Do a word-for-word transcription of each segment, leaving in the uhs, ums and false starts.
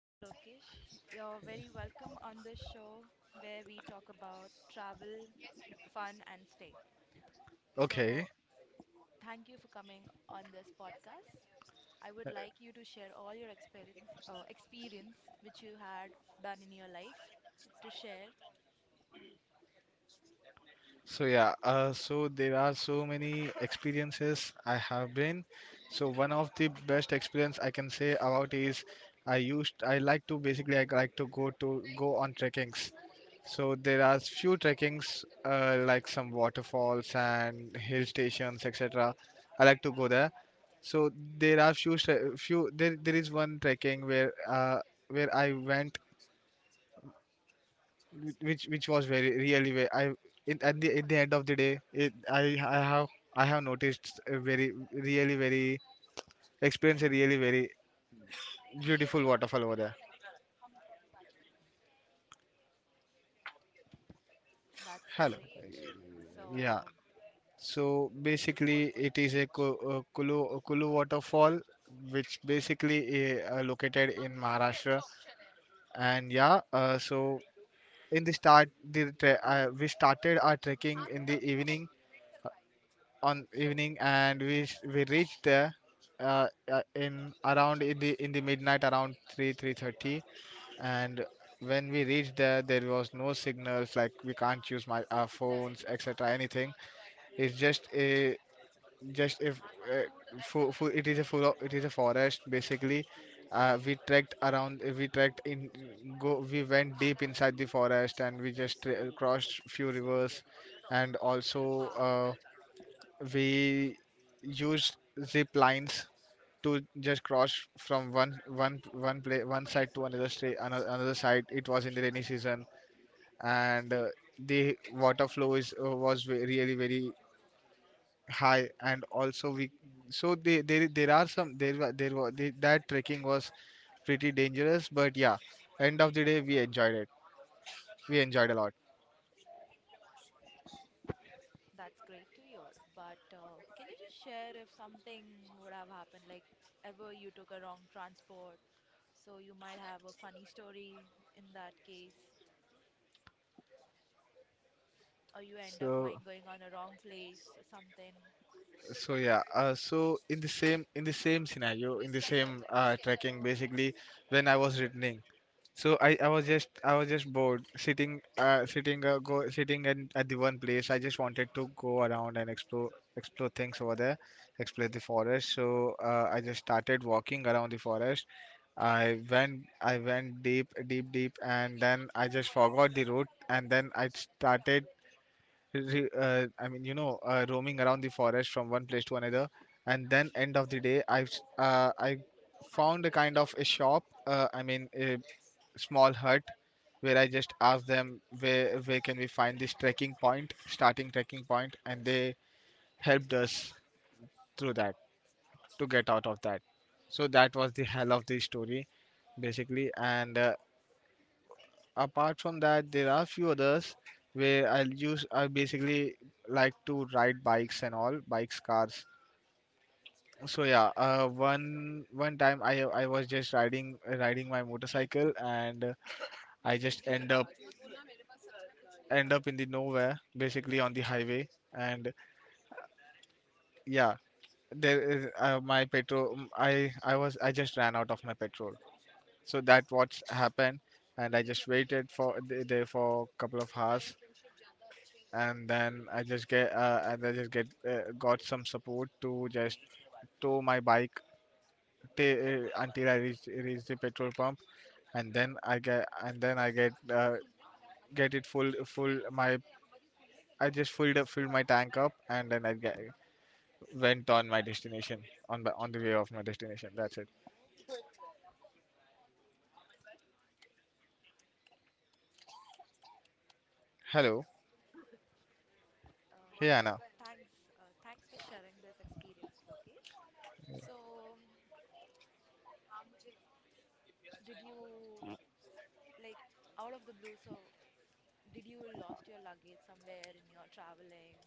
Hello, Lokesh. You're very welcome on the show where we talk about travel, fun, and stay. Okay. So, thank you for coming on this podcast. I would like you to share all your experience, uh, experience which you had done in your life to share. So yeah, uh, so there are so many experiences I have been. So one of the best experience I can say about is I used I like to basically I like to go to go on trekkings. So there are few trekkings uh, like some waterfalls and hill stations et cetera. I like to go there. So there are few stre- few there there is one trekking where uh, where I went whi- which which was very really ve- I in, at the at the end of the day it, I i have i have noticed a very really very experience a really very beautiful waterfall over there. That's Hello. great. Yeah, So, so basically it is a Ku- uh, kulu kulu waterfall which basically is uh, located in Maharashtra. And yeah, uh, so in the start, the tre- uh, we started our trekking in the evening on evening, and we s- we reached there uh, uh, in around in the in the midnight around three three thirty. And when we reached there, there was no signals, like we can't use my our phones etc, anything. It's just a just if uh, full, full, it is a full of, It is a forest, basically. Uh, we trekked around we trekked in go we went deep inside the forest, and we just uh, crossed few rivers. And also, uh, we used zip lines to just cross from one one one play one side to another state another, another side. It was in the rainy season, and uh, the water flow is uh, was ve- really very high. And also we, so they, there there are some there were there were the, that trekking was pretty dangerous, but yeah, end of the day we enjoyed it. We enjoyed a lot. that's great to hear. But uh, can you just share if something would have happened, like ever you took a wrong transport? So you might have a funny story in that case, or you end up so mind going on a wrong place or something. So yeah, uh, so in the same in the same scenario, in the same uh, tracking, basically, when I was returning, so I, I was just I was just bored, sitting uh, sitting uh, go sitting and at the one place. I just wanted to go around and explore, explore things over there, explore the forest. So uh, I just started walking around the forest. I went I went deep, deep, deep, and then I just forgot the route, and then I started re- uh, I mean, you know, uh, roaming around the forest from one place to another, and then end of the day, i uh, I found a kind of a shop. Uh, I mean, a small hut, where I just asked them where where can we find this trekking point, starting trekking point, and they helped us through that to get out of that. So that was the hell of the story, basically. And uh, apart from that, there are few others where I'll use. I basically like to ride bikes and all, bikes, cars. So yeah, uh, one one time I I was just riding riding my motorcycle, and uh, I just end up end up in the nowhere, basically on the highway. And yeah, there is uh, my petrol. Um, I I was, I just ran out of my petrol. So that what's happened, and I just waited for th- there for a couple of hours, and then I just get uh, and I just get uh, got some support to just tow my bike t- uh, until I reach reach the petrol pump, and then I get and then I get uh, get it full full my, I just filled up filled my tank up, and then I get, went on my destination, on the- on the way of my destination. That's it. Hello, Uh, hey Anna. thanks, uh, thanks for sharing this experience, Lokesh. So, did you like out of the blue? So, did you lost your luggage somewhere in your traveling?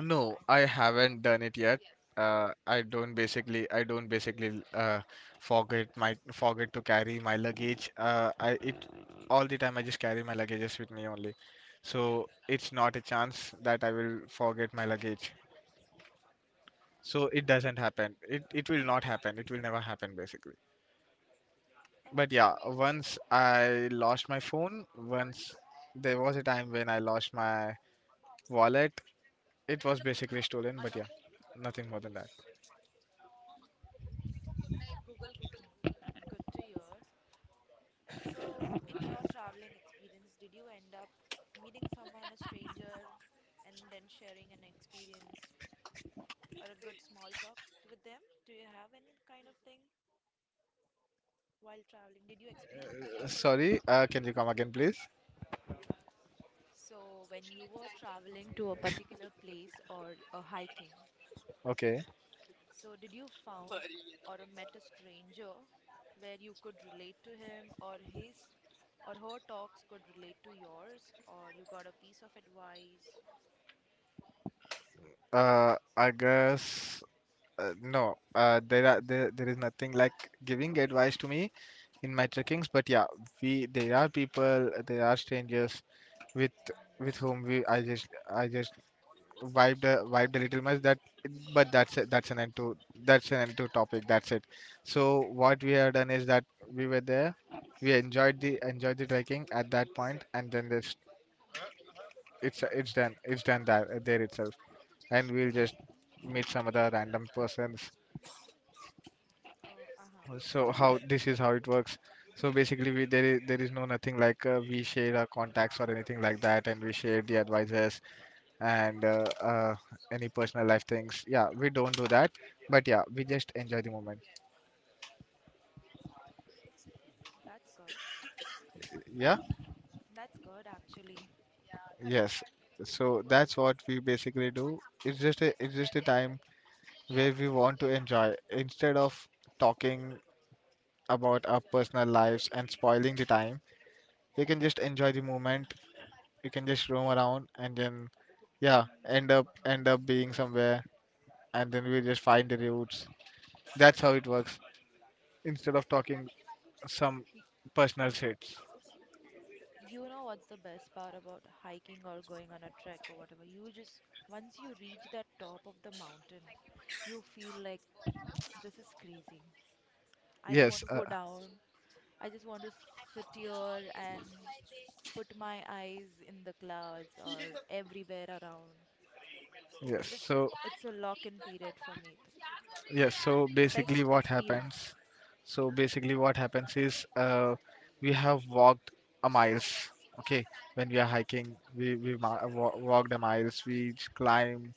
No, And I haven't done it yet. oh, Uh, I don't basically, I don't basically uh, forget my forget to carry my luggage. Uh, I it All the time I just carry my luggages with me only, so it's not a chance that I will forget my luggage. So it doesn't happen. It it will not happen. It will never happen, basically. oh, But yeah, once I lost my phone. Once there was a time when I lost my wallet. It was basically stolen, but yeah, nothing more than that. good to hear. So, in your traveling experience, did you end up meeting someone, a stranger, and then sharing an experience or a good small talk with them? Do you have any kind of thing while traveling? Did you experience? Sorry, uh, can you come again, please? So, when you were traveling to a particular place or uh, hiking, Okay. so, did you found or met a stranger where you could relate to him or his or her talks could relate to yours or you got a piece of advice? Uh, I guess uh, no. Uh, there are there, there is nothing like giving advice to me in my trekkings, but yeah, we there are people, there are strangers with with whom we I just I just vibed a, vibed a little much that, but that's a, that's an end to that's an end to topic. That's it. So what we have done is that we were there, we enjoyed the enjoyed the trekking at that point, and then this it's it's done, it's done that uh, there itself, and we'll just meet some other random persons. Oh, uh-huh. So how this is how it works. So basically we, there is there is no nothing like, uh, we share our contacts or anything like that, and we share the advices and uh, uh, any personal life things. Yeah, we don't do that, but yeah, we just enjoy the moment. That's good. Yeah. That's good actually. Yes. So that's what we basically do. It's just a it's just a time where we want to enjoy instead of talking about our personal lives and spoiling the time. You can just enjoy the moment. You can just roam around, and then yeah, Mm. end up end up being somewhere, and then we just find the routes. That's how it works. Instead of talking some Y- personal y- shits. You know what's the best part about hiking or going on a trek or whatever? You just, once you reach that top of the mountain, you feel like this is crazy. I don't want Yes, to uh, go down. I just want to sit here and put my eyes in the clouds or everywhere around. yes. Just, So it's a lock in period for me. Th- yes, so The basically best what experience. happens? So basically what happens is, uh, we have walked a miles. Okay, when we are hiking, we we ma- wa- walked a miles. We j- climb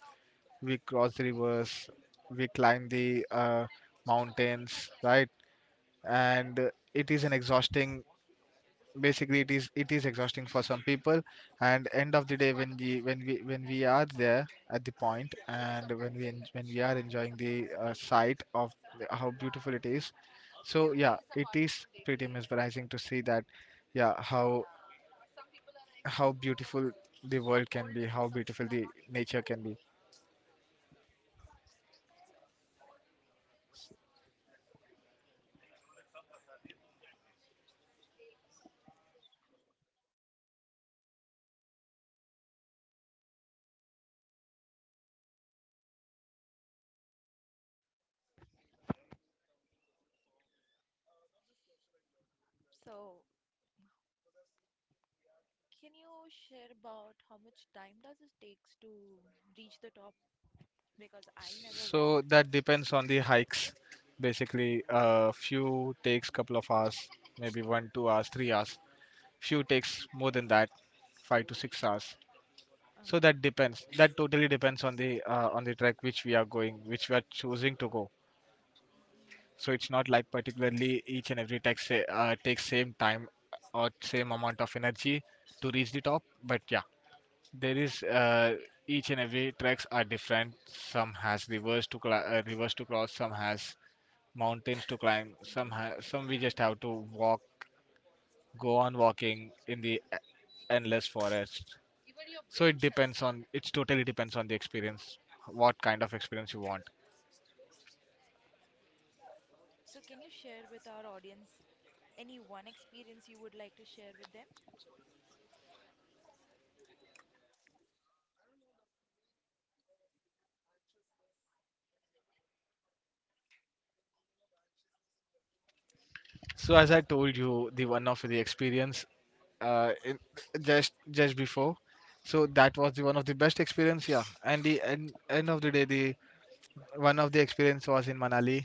We cross the rivers, we climb the uh, mountains, right? And uh, it is an exhausting. Basically, it is it is exhausting for some people. And end of the day, when we when we when we are there at the point, and when we en- when we are enjoying the uh, sight of the- how beautiful it is, so yeah, it is pretty mesmerizing to see that. Yeah, how how beautiful the world can be, how beautiful the nature can be. So, can you share about how much time does it takes to reach the top? Because I never went. So that depends on the hikes. Basically, a few takes couple of hours, maybe one, two hours, three hours. Few takes more than that, five to six hours. So Uh-huh. that depends. That totally depends on the uh, on the track which we are going, which we are choosing to go. So it's not like particularly each and every track say, uh, takes same time or same amount of energy to reach the top. But yeah, there is uh, each and every tracks are different. Some has reverse to cla uh, reverse to cross. Some has mountains to climb. Some ha- some we Hmm. just have to walk, go on walking in the e- endless forest. So it depends on it's totally depends on the experience, what kind of experience you want. So, can you share with our audience any one experience you would like to share with them? So as I told you, the one of the experience uh, in, just just before. So that was the one of the best experience, yeah. And the end, end of the day, the one of the experience was in Manali.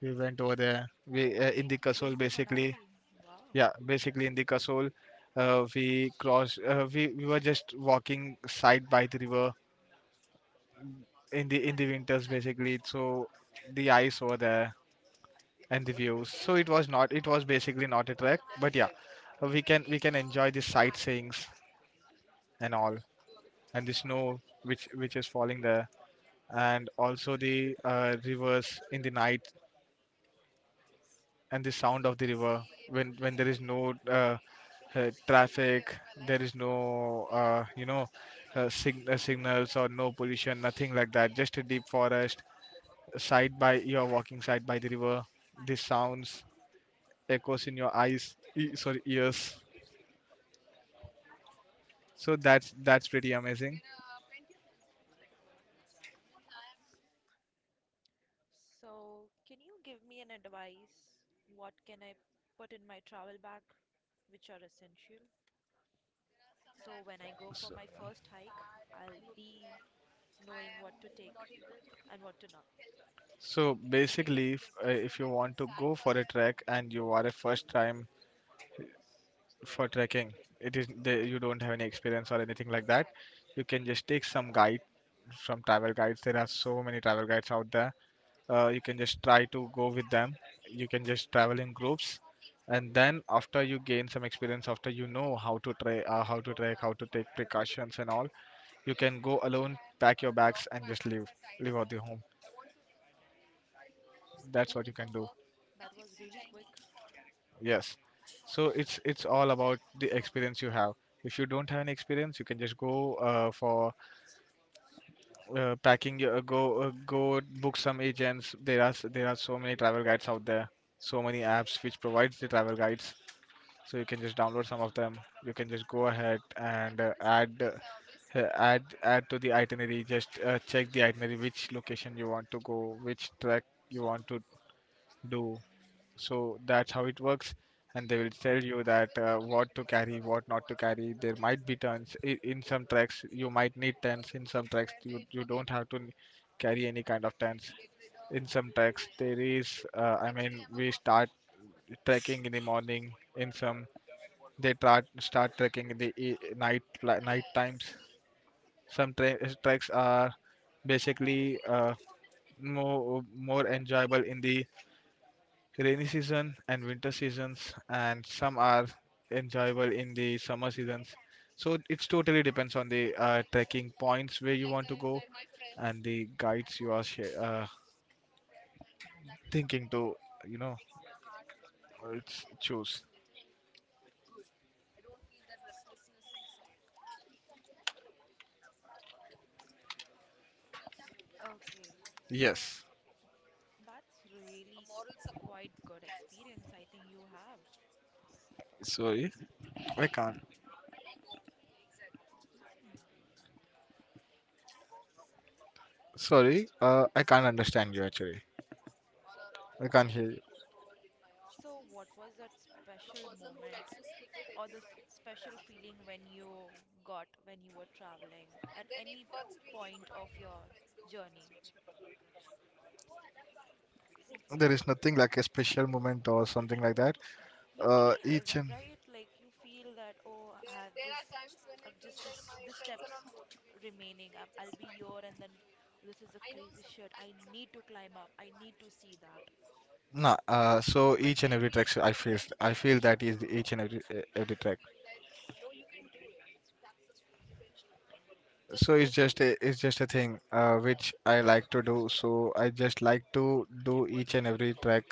We went over there. We, Oh, uh, in great. the You've been Kasol, to basically. Manali. Wow. Yeah, basically in the Kasol, uh, we cross. Uh, we we were just walking side by the river in the in the winters, basically. So the ice over there and the views. So it was not. It was basically not a trek. But yeah, uh, we can we can enjoy the sightseeings and all, and the snow which which is falling there, and also the uh, rivers in the night, and the sound of the river when when there is no uh, uh, traffic. There is no, uh, you know, uh, sig- uh, signals or no pollution, nothing like that. Just a deep forest. Side by You're walking side by the river. The sounds echoes in your eyes, e- sorry, ears. So that's that's pretty amazing. So, can you give me an advice? What can I put in my travel bag, which are essential? So, when I go for So, my first hike, I'll be knowing what to take and what to not. so basically, if uh, if you want to go for a trek and So you it's are a first just time it's just the fact that we cannot move for the trekking, human it power. is Yeah. Out the, of you don't have any the experience job. or anything like that. You can just take some guide from travel guides. There are so many travel guides out there, uh, you can just try to go with them. You can just travel in groups, and then after you gain some experience, after you know how to try uh, how to trek, how to take precautions and all, you can go alone, pack your bags and just leave leave out the home. That's what Ooh, you can do. that was really quick. Yes, so it's it's all about the experience you have. If you don't have any experience, you can just go, uh, for, uh, packing your- uh, go uh, go book some agents. There are s- there are so many travel guides out there, so many apps which provides the travel guides. So you can just download some of them. You can just go ahead and uh, add uh, add add to the itinerary. Just uh, check the itinerary, which location you want to go, which trek you want to do. So that's how it works. And they will tell you that, uh, what to carry, what not to carry. There might be turns i- in some tracks you might need tents, in some tracks you, you don't have to n- carry any kind of tents. In some tracks there is, uh, I mean, we start trekking in the morning. In some, they tra- start trekking in the e- night, pla- night times. Some tra- treks are basically uh, more more enjoyable in the rainy season and winter seasons, and some are enjoyable in the summer seasons. So it's totally depends on the uh, trekking points where you want to go, and the guides you are sh- uh, thinking to, you know uh, it's choose. So okay, yeah, that's, so Yes. that's the really big part, quite good experience I think you have. Sorry. I can't. Hmm. Sorry, uh, I can't understand you actually. I can't hear you. So what was that special moment or the f special feeling when you got when you were traveling at any point of your journey? There is nothing like a special moment or something like that. You Uh, feel uh, each ri- and right, like you feel that oh, i've just I've just just the steps remaining, i I'll be here, and then oh, this is a crazy shit, I need to climb up, I need to see that. nah, Y- uh, so each and every track I feel, I feel that is each and every e- every track. So it's just a it's just a thing uh, which I like to do. So I just like to do each and every track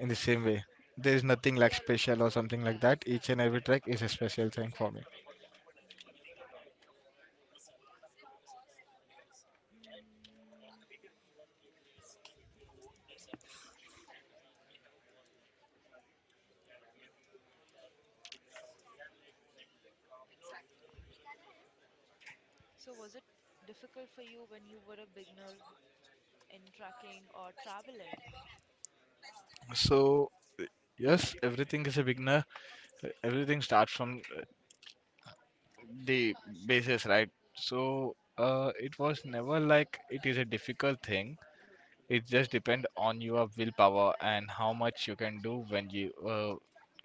in the same way. There is nothing like special or something like that. Each and every track is a special thing for me. mm, so was it difficult for you when you were a beginner in trekking or traveling? So yes, everything is a beginner. Everything starts from the basis, right? So uh, it was never like it is a difficult thing. It just depend on your willpower and how much you can do when you uh,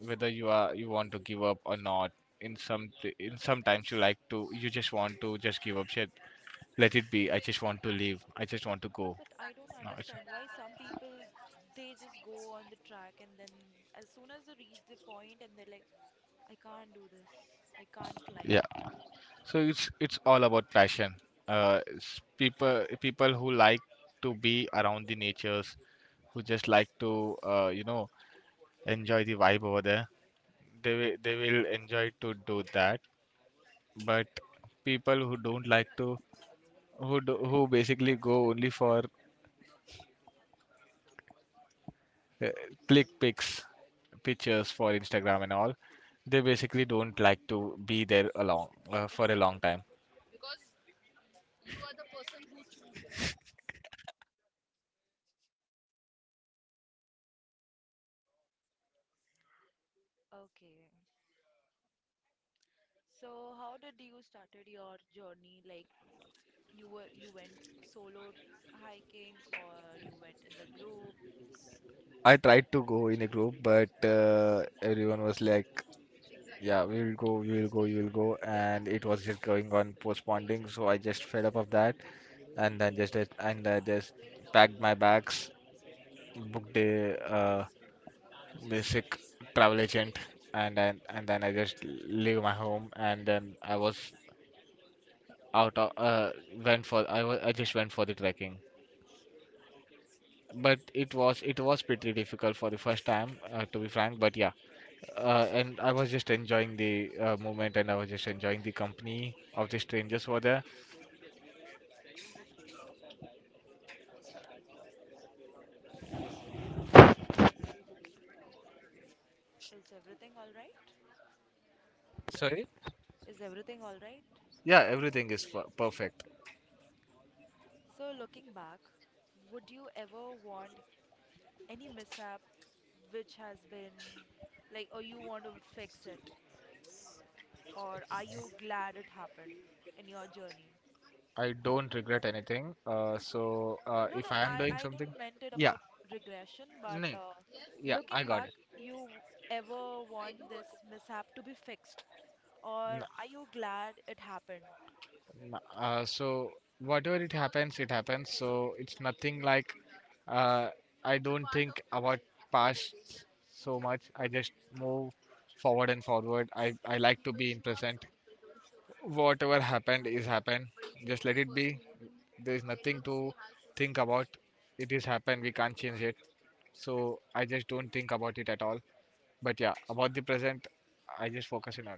whether you are you want to give up or not. In some t- in sometimes you like to, you just want to just give up shit. Let it be. I just want to leave. I just want to Yeah, go. but I don't No, it's, understand why some people they just go on the track and then as soon as they reach the point and they're like, I can't do this. I can't climb. yeah, so it's it's all about passion. Uh, s- people people who like to be around the natures, who just like to, uh, you know enjoy the vibe over there. They will, they will enjoy to do that. But people who don't like to, who do, who basically go only for, uh, click pics, pictures for Instagram and all, they basically don't like to be there along uh, for a long time. Okay. So how did you started your journey? Like you were, you went solo hiking or you went in the group? I tried to go in a group, but uh, everyone was like, "Yeah, we will go, we will go, you will go," and it was just going on postponing. So I just fed up of that, and then just and I just packed my bags, booked a, uh, basic travel agent, and then and then I just leave my home, and then I was out of, uh, went for I wa- I just went for the trekking. But it was, it was pretty difficult for the first time, uh, to be frank, but yeah, uh, and I was just enjoying the, uh, moment, and I was just enjoying the company of the strangers who were there. Is everything all right? Sorry? Is everything all right? Yeah, everything is per- perfect. So looking back, would you ever want any mishap which has been like or you want to fix it or are you glad it happened in your journey? I don't regret anything, uh, so uh, No, no, if I am I, doing I something. didn't meant it Yeah. about regression, but No. Uh, yeah, looking I got back, it. you ever want this mishap to be fixed, or are you glad it happened? N- Uh, so whatever it happens, it happens. So it's nothing like, uh, I don't think about past so much. I just move forward and forward. I, I like to be in present. Whatever happened is happened. Just let it be. There is nothing to think about. It is happened. We can't change it. So I just don't think about it at all. But yeah, about the present, I just focus in on.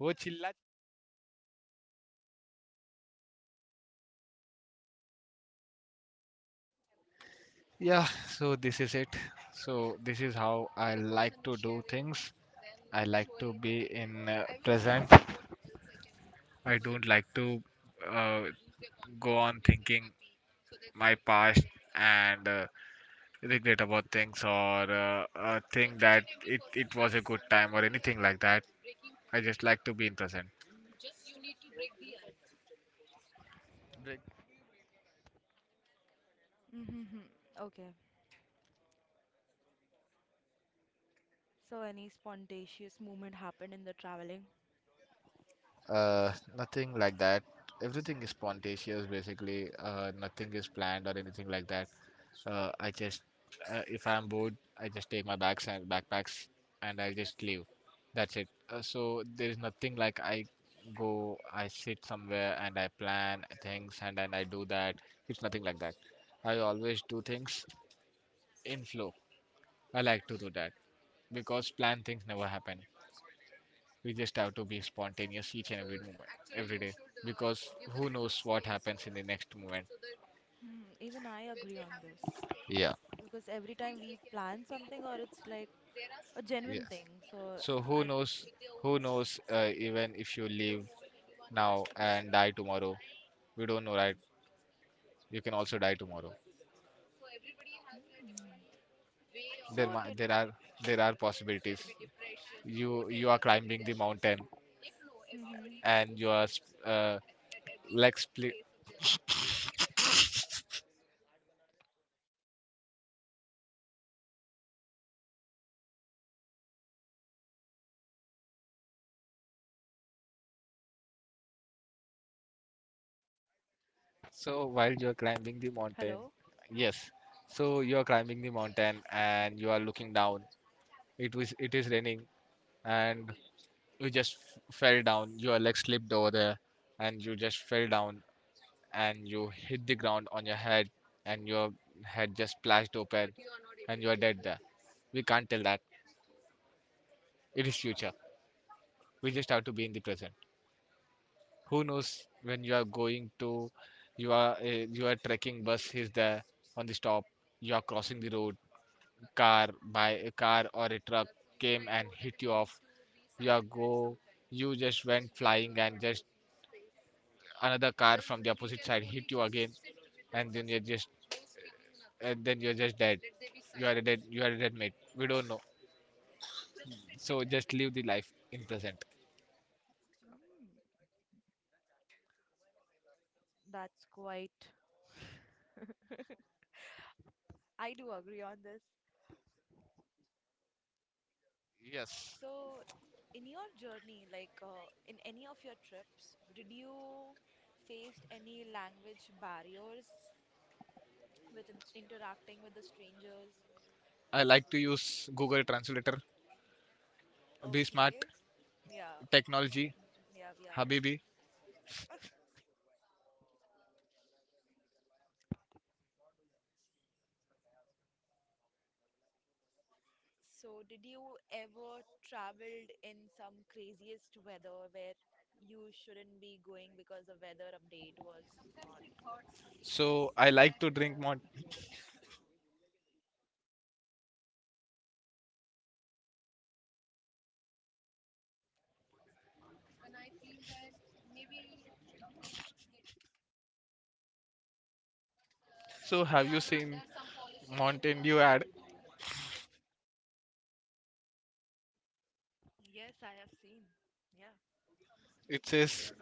वो चिल्ला. Yeah, so this is it. So this is how I like to do things. I like to be in uh, present. I don't like to, uh, go on thinking my past, and uh, regret about things or uh, uh, think that it, it was a good time or anything like that. I just like to be in present. Break. Mm-hmm. Okay. So, any spontaneous movement happened in the traveling? Uh, nothing like that. Everything is spontaneous, basically. Uh, nothing is planned or anything like that. Uh, I just, uh, if I'm bored, I just take my bags and backpacks and I just leave. That's it. Uh, so there's nothing like I go, I sit somewhere and I plan things and then I do that. It's nothing like that. I always do things in flow. I like to do that because planned things never happen. We just have to be spontaneous each and every moment, every day, because who knows what happens in the next moment. Hmm, even I agree on this, Yeah, because every time we plan something or it's like a genuine yes. thing. So So who I, knows? Who knows? Uh, even if you live now and die tomorrow, we don't know, right? You can also die tomorrow. mm. There, So, ma- did, there are there are possibilities. You you are climbing the mountain hmm, and you are sp- uh, like split. So while you are climbing the mountain, hello. yes. So you are climbing the mountain and you are looking down. It was it is raining, and you just f- fell down. Your leg slipped over there, and you just fell down, and you hit the ground on your head, and your head just splashed open, and you are dead there. We can't tell that. It is future. We just have to be in the present. Who knows when you are going to, you are uh, you are trekking, bus is there on the stop. You are crossing the road. Car by a car or a truck came and hit you off. Yeah, go, you just went flying, and just another car from the opposite side hit you again, and then you're just, and then you're just dead. You are a dead you are a dead mate. We don't know. So just live the life in present. That's quite. I do agree on this. Yes, So, in your journey, like uh, in any of your trips, did you faced any language barriers with in- interacting with the strangers? I like to use Google Translator. Be smart. Okay, yeah, Technology. yeah, we are. Habibi. So, did you ever traveled in some craziest weather where you shouldn't be going because the weather update was not? So I like to drink mont so have you seen Mountain Dew ad? Yes, I have seen. Yeah, It says,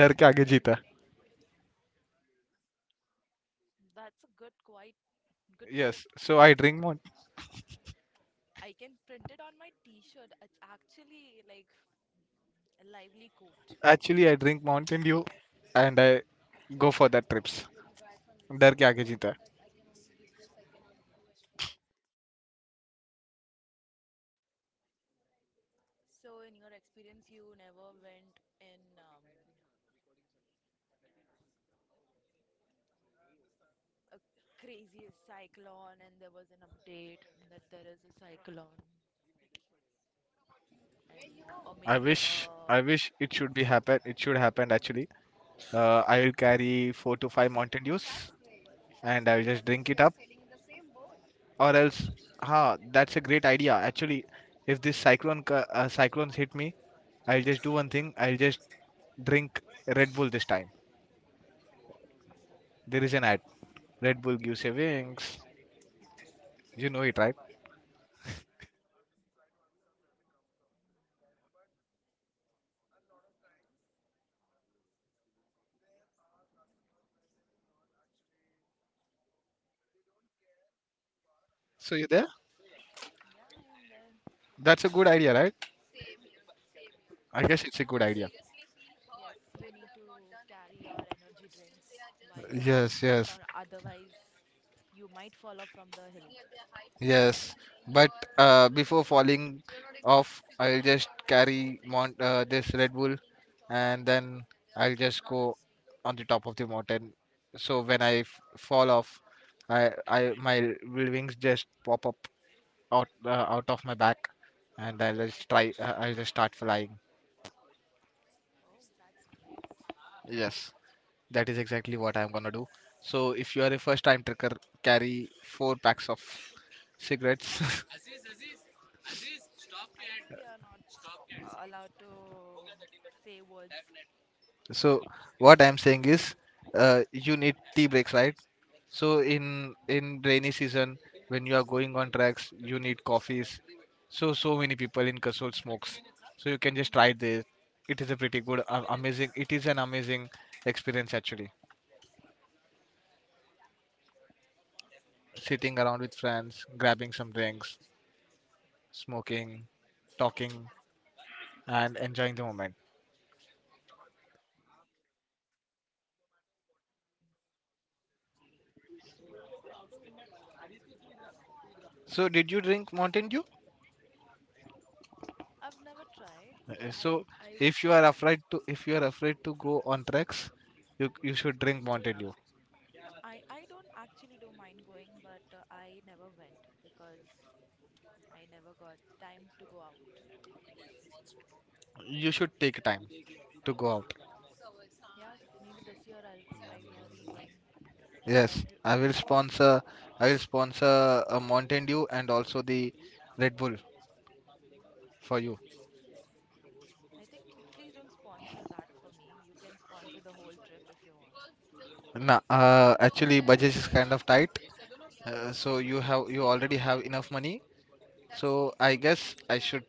"Dar ke aage jeeta." that's a good, quite good Yes, quote. so I drink mont. I can print it on my t-shirt. It's actually like a lively quote. Actually, I drink Mountain Dew and I go for that trips. डर के आगे जीता है. So, in your experience, you never went in um, a crazy cyclone, and there was an update that there is a cyclone, and or I maybe a, wish, yeah, I wish it should be happen. It should happen actually. Uh, I will carry four to five Mountain Dews and I will just drink it up. Or else, ha, that's a great idea. Actually, if this cyclone co- uh, cyclones hit me, I'll just do one thing. I'll just drink Red Bull this time. There is an ad. Red Bull gives you wings. You know it, right? So you there? I am there. That's a good idea, right? I guess it's Yeah, a good idea. yes, you need to carry your energy drinks while you're on the Yes, hike, yes, or otherwise you might fall off from the hill. yes. But uh, before falling off, I'll just carry mon uh, this Red Bull, and then I'll just go on the top of the mountain. So when I f fall off, I, I my wings just pop up out uh, out of my back, and I'll just try. Uh, I'll just start flying. Oh, that's great. Yes, that is exactly what I'm gonna do. So if you are a first-time trekker, carry four packs of cigarettes. I think we are not allowed to say words. So what I'm saying is, uh, you need tea breaks, right? So in in rainy season, when you are going on tracks, you need coffees. So so many people in Kasol smokes. So you can just try this. It is a pretty good, a- amazing. It is an amazing experience actually. Sitting around with friends, grabbing some drinks, smoking, talking, and enjoying the moment. So did you drink Mountain Dew? I've never tried, Uh, but I, So w- I if wish you to are try. afraid to, if you are afraid to go on treks, you you should drink Mountain Dew. No, I, I don't actually don't mind going, but uh, I never went because I never got time to go out. You should take time to go out. Yeah, maybe this year I'll be, I will be going or Yes, I'll I re- will remove. sponsor I will sponsor a Mountain Dew and also the Red Bull for you. I think please don't sponsor that for me. You can sponsor the whole trip if you want. Nah, uh, actually budget is kind of tight. Uh, so you have, you already have enough money. So I guess I should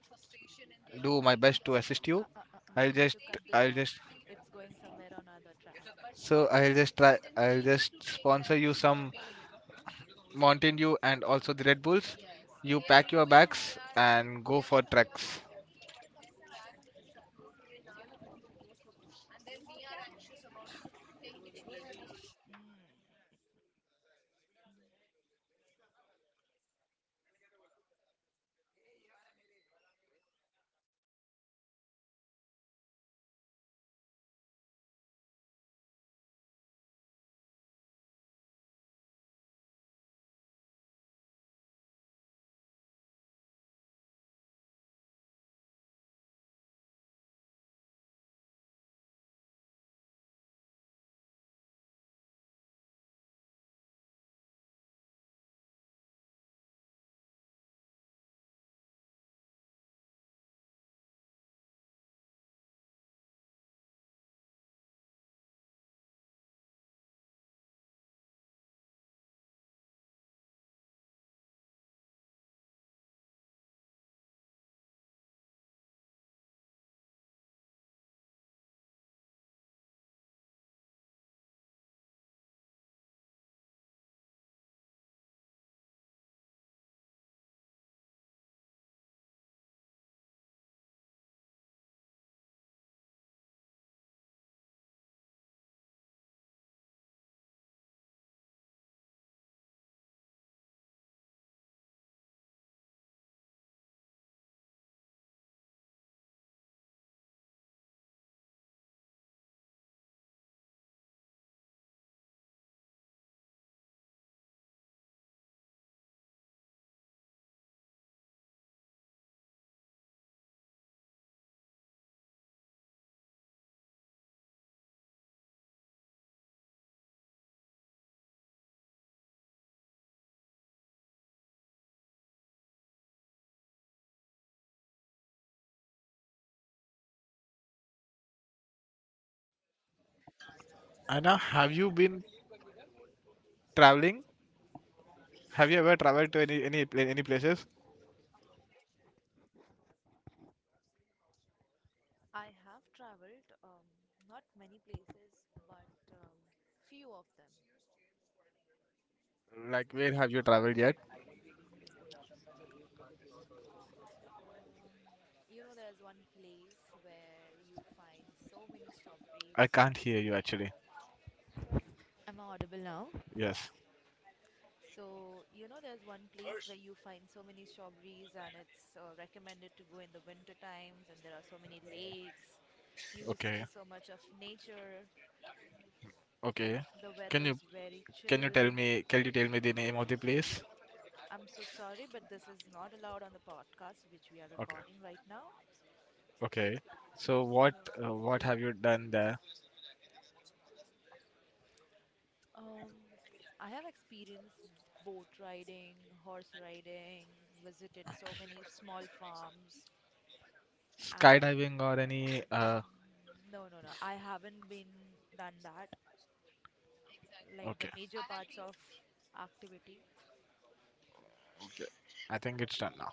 do my best to assist you. Uh, uh, uh, uh, I'll we need just to cut this I'll off. just It's going somewhere on other track. so I'll just try, I'll just sponsor you some Mountain Dew and also the Red Bulls, you pack your bags and go for treks. Mm. Anna, have you been traveling? Have you ever traveled to any any pla- any places? I have traveled um, not many places, but um, few of them. Like where have you traveled yet? Um, you know, there's one place where you find so many I strawberries. can't hear you actually. Am I audible now? Yes. So, you know, there's one place where you find so many strawberries, and it's uh, recommended to go in the winter times, and there are so many lakes. You see Okay. so much of nature. Okay. The weather Can you is very can you tell chill. me, can you tell me the name of the place? I'm so sorry, but this is not allowed on the podcast which we are Okay. recording right now. Okay. So what, So, uh, what have you done there? um, I have experienced boat riding, horse riding, visited so many small farms, and Skydiving or any uh, mm, no, no, no, I haven't been done that. Like okay. the major parts of activity, I think it's done now.